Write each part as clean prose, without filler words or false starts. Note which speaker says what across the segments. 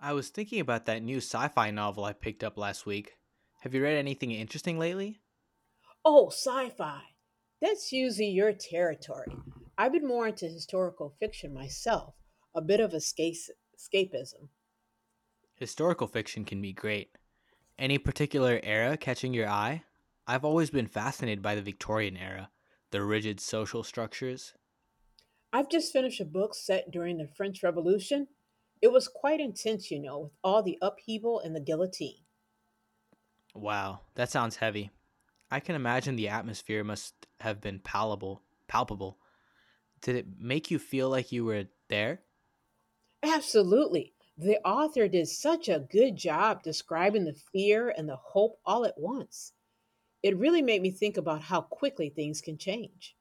Speaker 1: I was thinking about that new sci fi novel I picked up last week. Have you read anything interesting lately?
Speaker 2: Oh, sci-fi. That's usually your territory. I've been more into historical fiction myself, a bit of escapism.
Speaker 1: Historical fiction can be great. Any particular era catching your eye? I've always been fascinated by the Victorian era, the rigid social structures.
Speaker 2: I've just finished a book set during the French Revolution. It was quite intense, you know, with all the upheaval and the guillotine.
Speaker 1: Wow, that sounds heavy. I can imagine the atmosphere must have been palpable. Did it make you feel like you were there?
Speaker 2: Absolutely. The author did such a good job describing the fear and the hope all at once. It really made me think about how quickly things can change.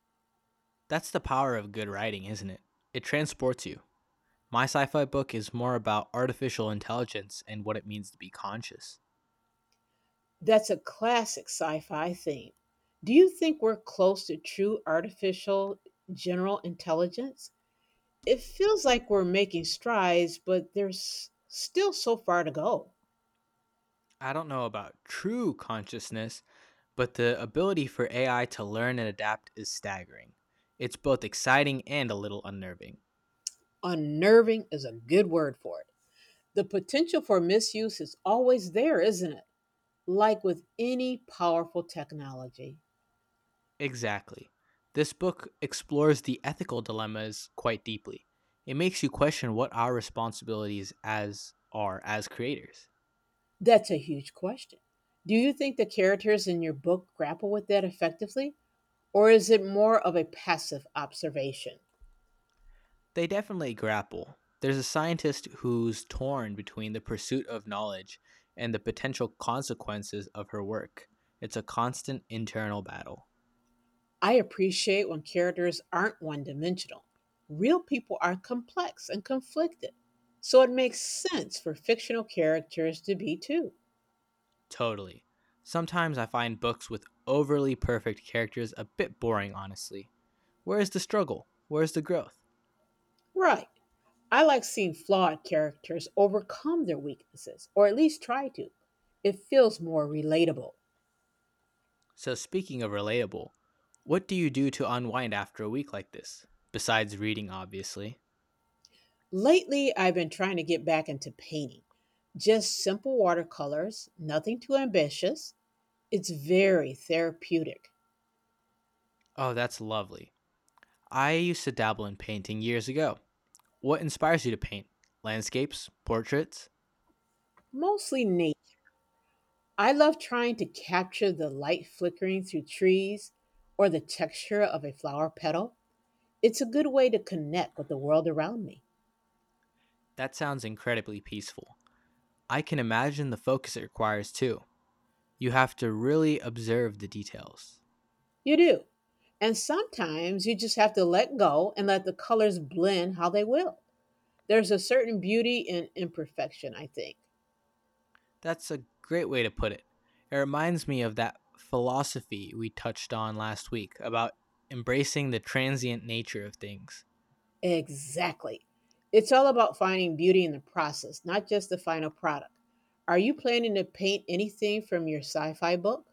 Speaker 1: That's the power of good writing, isn't it? It transports you. My sci fi book is more about artificial intelligence and what it means to be conscious.
Speaker 2: That's a classic sci fi theme. Do you think we're close to true artificial general intelligence? It feels like we're making strides, but there's still so far to go.
Speaker 1: I don't know about true consciousness, but the ability for AI to learn and adapt is staggering. It's both exciting and a little unnerving.
Speaker 2: Unnerving is a good word for it. The potential for misuse is always there, isn't it? Like with any powerful technology.
Speaker 1: Exactly. This book explores the ethical dilemmas quite deeply. It makes you question what our responsibilities as are as creators.
Speaker 2: That's a huge question. Do you think the characters in your book grapple with that effectively, or is it more of a passive observation?
Speaker 1: They definitely grapple. There's a scientist who's torn between the pursuit of knowledge and the potential consequences of her work. It's a constant internal battle.
Speaker 2: I appreciate when characters aren't one dimensional. Real people are complex and conflicted, so it makes sense for fictional characters to be too.
Speaker 1: Totally. Sometimes I find books with overly perfect characters a bit boring, honestly. Where is the struggle? Where is the growth?
Speaker 2: Right. I like seeing flawed characters overcome their weaknesses, or at least try to. It feels more relatable.
Speaker 1: So, speaking of relatable, what do you do to unwind after a week like this? Besides reading, obviously.
Speaker 2: Lately, I've been trying to get back into painting. Just simple watercolors, nothing too ambitious. It's very therapeutic,
Speaker 1: Oh, that's lovely. I used to dabble in painting years ago. What inspires you to paint? Landscapes? Portraits?
Speaker 2: mostly nature. I love trying to capture the light flickering through trees or the texture of a flower petal. It's a good way to connect with the world around me.
Speaker 1: That sounds incredibly peaceful. I can imagine the focus it requires too. You have to really observe the details.
Speaker 2: You do. And sometimes you just have to let go and let the colors blend how they will. There's a certain beauty in imperfection, I think.
Speaker 1: That's a great way to put it. It reminds me of that philosophy we touched on last week about embracing the transient nature of things.
Speaker 2: Exactly. It's all about finding beauty in the process, not just the final product. Are you planning to paint anything from your sci fi book?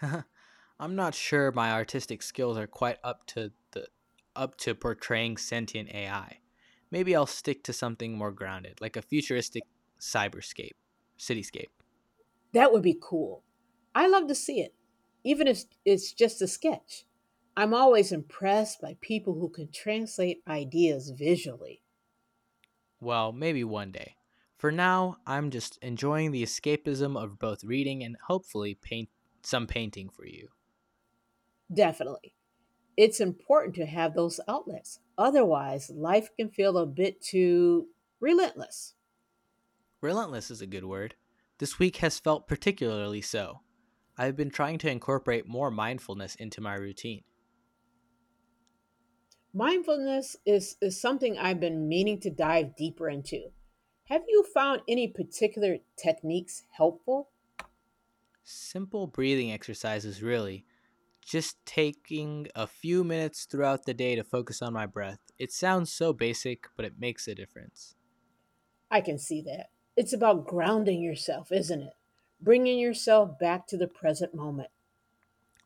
Speaker 1: I'm not sure my artistic skills are quite up to portraying sentient AI. Maybe I'll stick to something more grounded, like a futuristic cyberscape, cityscape.
Speaker 2: That would be cool. I love to see it, even if it's just a sketch. I'm always impressed by people who can translate ideas visually.
Speaker 1: Well, maybe one day. For now, I'm just enjoying the escapism of both reading and hopefully paint some painting for you.
Speaker 2: Definitely. It's important to have those outlets. Otherwise, life can feel a bit too relentless.
Speaker 1: Relentless is a good word. This week has felt particularly so. I've been trying to incorporate more mindfulness into my routine.
Speaker 2: Mindfulness is something I've been meaning to dive deeper into. Have you found any particular techniques helpful?
Speaker 1: Simple breathing exercises, really, just taking a few minutes throughout the day to focus on my breath. It sounds so basic, but it makes a difference.
Speaker 2: I can see that. It's about grounding yourself, isn't it? Bringing yourself back to the present moment.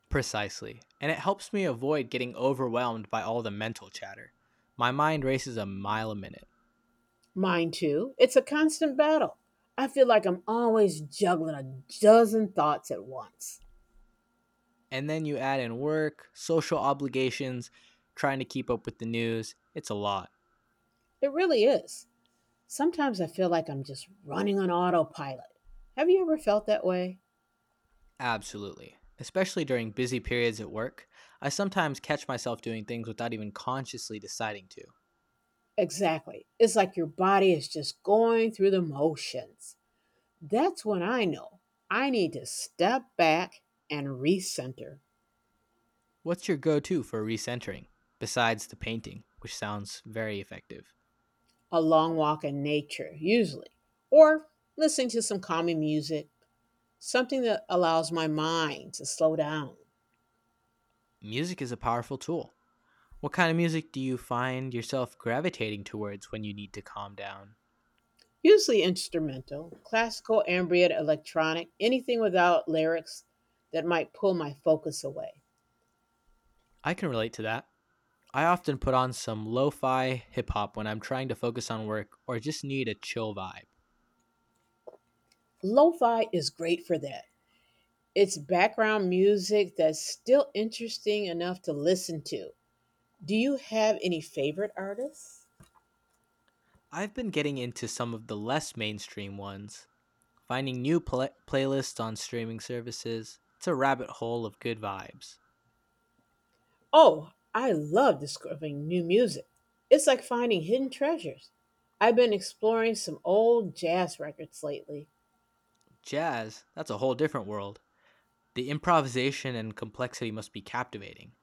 Speaker 1: Precisely. And it helps me avoid getting overwhelmed by all the mental chatter. My mind races a mile a minute.
Speaker 2: Mine too. It's a constant battle. I feel like I'm always juggling a dozen thoughts at once.
Speaker 1: And then you add in work, social obligations, trying to keep up with the news. It's a lot.
Speaker 2: It really is. Sometimes I feel like I'm just running on autopilot. Have you ever felt that way?
Speaker 1: Absolutely. Especially during busy periods at work, I sometimes catch myself doing things without even consciously deciding to.
Speaker 2: Exactly. It's like your body is just going through the motions. That's when I know I need to step back and recenter.
Speaker 1: What's your go to for recentering, besides the painting, which sounds very effective?
Speaker 2: A long walk in nature, usually, or listening to some calming music, something that allows my mind to slow down.
Speaker 1: Music is a powerful tool. What kind of music do you find yourself gravitating towards when you need to calm down?
Speaker 2: Usually instrumental, classical, ambient, electronic, anything without lyrics that might pull my focus away.
Speaker 1: I can relate to that. I often put on some lo fi hip hop when I'm trying to focus on work or just need a chill vibe.
Speaker 2: Lo fi is great for that. It's background music that's still interesting enough to listen to. Do you have any favorite artists?
Speaker 1: I've been getting into some of the less mainstream ones, finding new playlists on streaming services. It's a rabbit hole of good vibes.
Speaker 2: Oh, I love discovering new music. It's like finding hidden treasures. I've been exploring some old jazz records lately.
Speaker 1: Jazz, that's a whole different world. The improvisation and complexity must be captivating.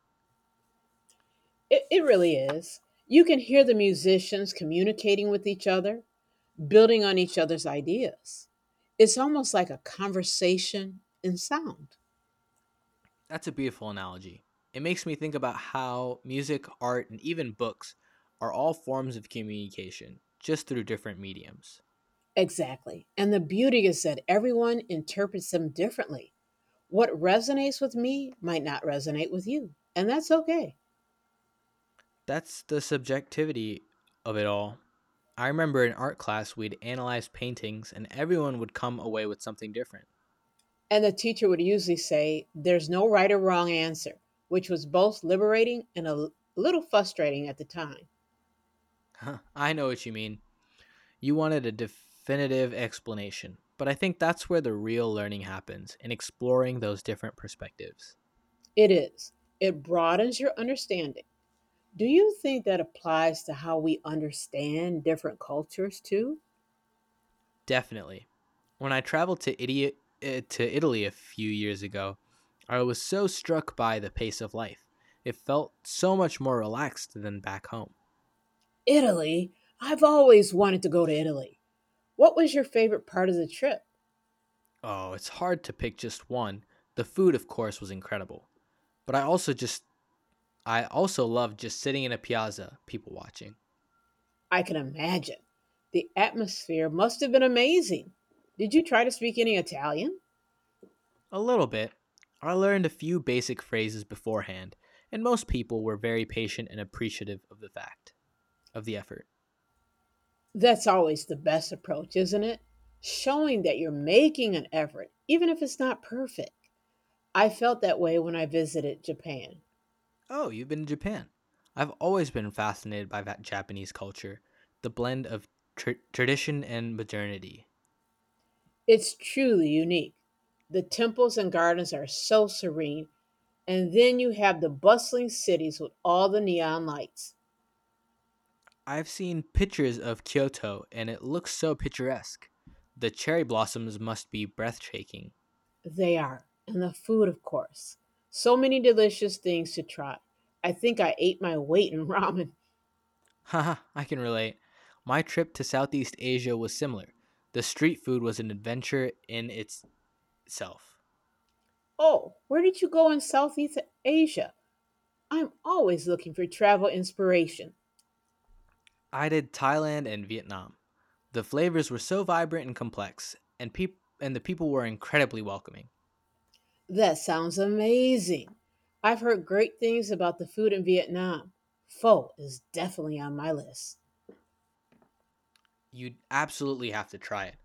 Speaker 2: It really is. You can hear the musicians communicating with each other, building on each other's ideas. It's almost like a conversation in sound.
Speaker 1: That's a beautiful analogy. It makes me think about how music, art, and even books are all forms of communication, just through different mediums.
Speaker 2: Exactly. And the beauty is that everyone interprets them differently. What resonates with me might not resonate with you, and that's okay.
Speaker 1: That's the subjectivity of it all. I remember in art class, we'd analyze paintings, and everyone would come away with something different.
Speaker 2: And the teacher would usually say, "There's no right or wrong answer," which was both liberating and a little frustrating at the time.
Speaker 1: Huh, I know what you mean. You wanted a definitive explanation, but I think that's where the real learning happens in exploring those different perspectives.
Speaker 2: It is. It broadens your understanding. Do you think that applies to how we understand different cultures too?
Speaker 1: Definitely. When I traveled to idiot to Italy a few years ago, I was so struck by the pace of life. It felt so much more relaxed than back home.
Speaker 2: Italy? I've always wanted to go to Italy. What was your favorite part of the trip?
Speaker 1: Oh, it's hard to pick just one. The food, of course, was incredible, but I also loved just sitting in a piazza, people watching.
Speaker 2: I can imagine. The atmosphere must have been amazing. Did you try to speak any Italian?
Speaker 1: A little bit. I learned a few basic phrases beforehand, and most people were very patient and appreciative of the fact of the effort.
Speaker 2: That's always the best approach, isn't it? Showing that you're making an effort, even if it's not perfect. I felt that way when I visited Japan.
Speaker 1: Oh, you've been to Japan. I've always been fascinated by that Japanese culture, the blend of tradition and modernity.
Speaker 2: It's truly unique. The temples and gardens are so serene, and then you have the bustling cities with all the neon lights.
Speaker 1: I've seen pictures of Kyoto and it looks so picturesque. The cherry blossoms must be breathtaking.
Speaker 2: They are, and the food, of course. So many delicious things to try. I think I ate my weight in ramen.
Speaker 1: Haha, I can relate. My trip to Southeast Asia was similar. The street food was an adventure in itself.
Speaker 2: Oh, where did you go in Southeast Asia? I'm always looking for travel inspiration.
Speaker 1: I did Thailand and Vietnam. The flavors were so vibrant and complex, and and the people were incredibly welcoming.
Speaker 2: That sounds amazing. I've heard great things about the food in Vietnam. Pho is definitely on my list.
Speaker 1: You absolutely have to try it.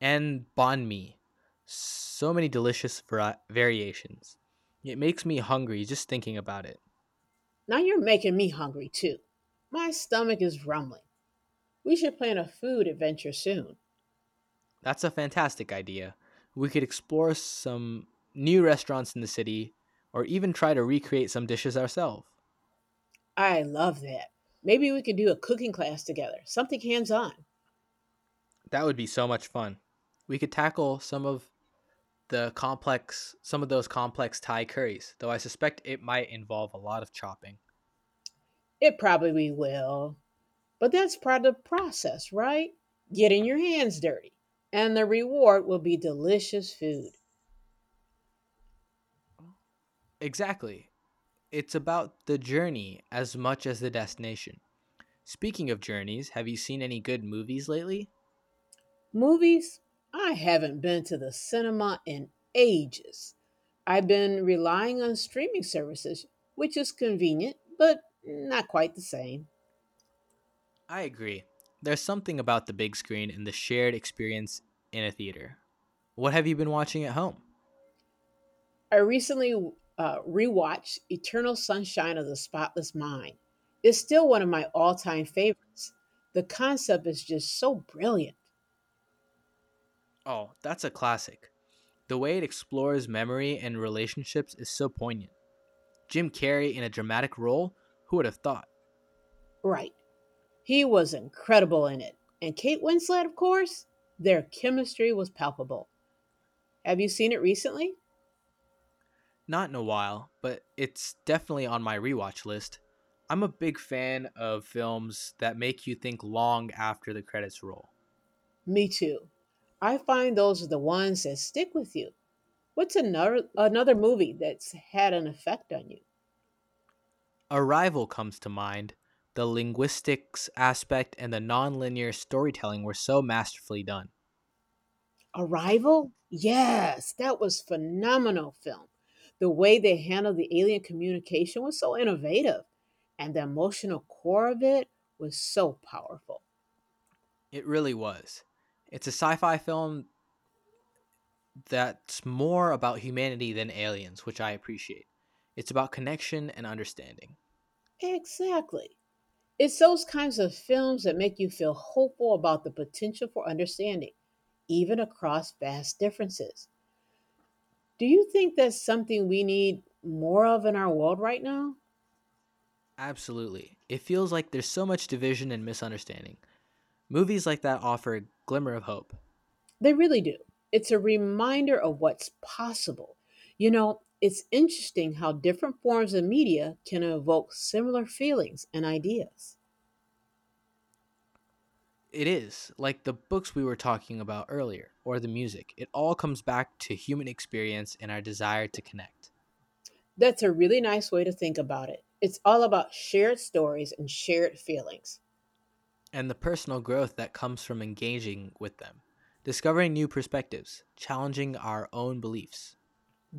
Speaker 1: And banh mi. So many delicious variations. It makes me hungry just thinking about it.
Speaker 2: Now you're making me hungry too. My stomach is rumbling. We should plan a food adventure soon.
Speaker 1: That's a fantastic idea. We could explore some new restaurants in the city or even try to recreate some dishes ourselves.
Speaker 2: I love that. Maybe we could do a cooking class together, something hands on.
Speaker 1: That would be so much fun. We could tackle some of those complex Thai curries, though I suspect it might involve a lot of chopping.
Speaker 2: It probably we will. But that's part of the process, right? Getting your hands dirty. And the reward will be delicious food.
Speaker 1: Exactly. It's about the journey as much as the destination. Speaking of journeys, have you seen any good movies lately?
Speaker 2: Movies? I haven't been to the cinema in ages. I've been relying on streaming services, which is convenient, but not quite the same.
Speaker 1: I agree. There's something about the big screen and the shared experience in a theater. What have you been watching at home?
Speaker 2: I recently rewatched Eternal Sunshine of the Spotless Mind. It's still one of my all time favorites. The concept is just so brilliant.
Speaker 1: Oh, that's a classic. The way it explores memory and relationships is so poignant. Jim Carrey in a dramatic role? Who would have thought?
Speaker 2: Right. He was incredible in it. And Kate Winslet, of course, their chemistry was palpable. Have you seen it recently?
Speaker 1: Not in a while, but it's definitely on my rewatch list. I'm a big fan of films that make you think long after the credits roll.
Speaker 2: Me too. I find those are the ones that stick with you. What's another movie that's had an effect on you?
Speaker 1: Arrival comes to mind. The linguistics aspect and the non-linear storytelling were so masterfully done.
Speaker 2: Arrival? Yes, that was phenomenal film. The way they handled the alien communication was so innovative, and the emotional core of it was so powerful.
Speaker 1: It really was. It's a sci fi film that's more about humanity than aliens, which I appreciate. It's about connection and understanding.
Speaker 2: Exactly. It's those kinds of films that make you feel hopeful about the potential for understanding, even across vast differences. Do you think that's something we need more of in our world right now?
Speaker 1: Absolutely. It feels like there's so much division and misunderstanding. Movies like that offer a glimmer of hope.
Speaker 2: They really do. It's a reminder of what's possible. You know, it's interesting how different forms of media can evoke similar feelings and ideas.
Speaker 1: It is, like the books we were talking about earlier, or the music. It all comes back to human experience and our desire to connect.
Speaker 2: That's a really nice way to think about it. It's all about shared stories and shared feelings.
Speaker 1: And the personal growth that comes from engaging with them, discovering new perspectives, challenging our own beliefs.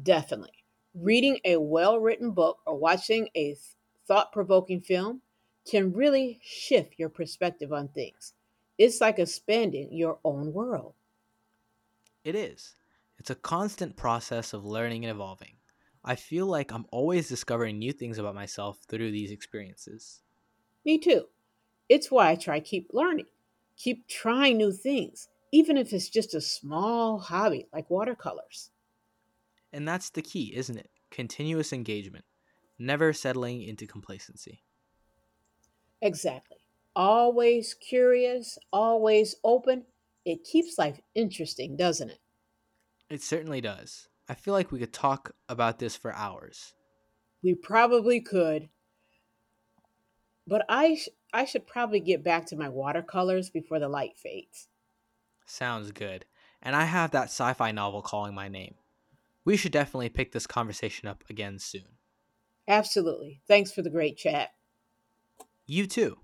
Speaker 2: Definitely. Reading a well written book or watching a thought provoking film can really shift your perspective on things. It's like expanding your own world.
Speaker 1: It is. It's a constant process of learning and evolving. I feel like I'm always discovering new things about myself through these experiences.
Speaker 2: Me too. It's why I try keep learning, keep trying new things, even if it's just a small hobby like watercolors.
Speaker 1: And that's the key, isn't it? Continuous engagement, never settling into complacency.
Speaker 2: Exactly. Always curious, always open. It keeps life interesting, doesn't it?
Speaker 1: It certainly does. I feel like we could talk about this for hours.
Speaker 2: We probably could. But I should probably get back to my watercolors before the light fades.
Speaker 1: Sounds good. And I have that sci fi novel calling my name. We should definitely pick this conversation up again soon.
Speaker 2: Absolutely. Thanks for the great chat.
Speaker 1: You too.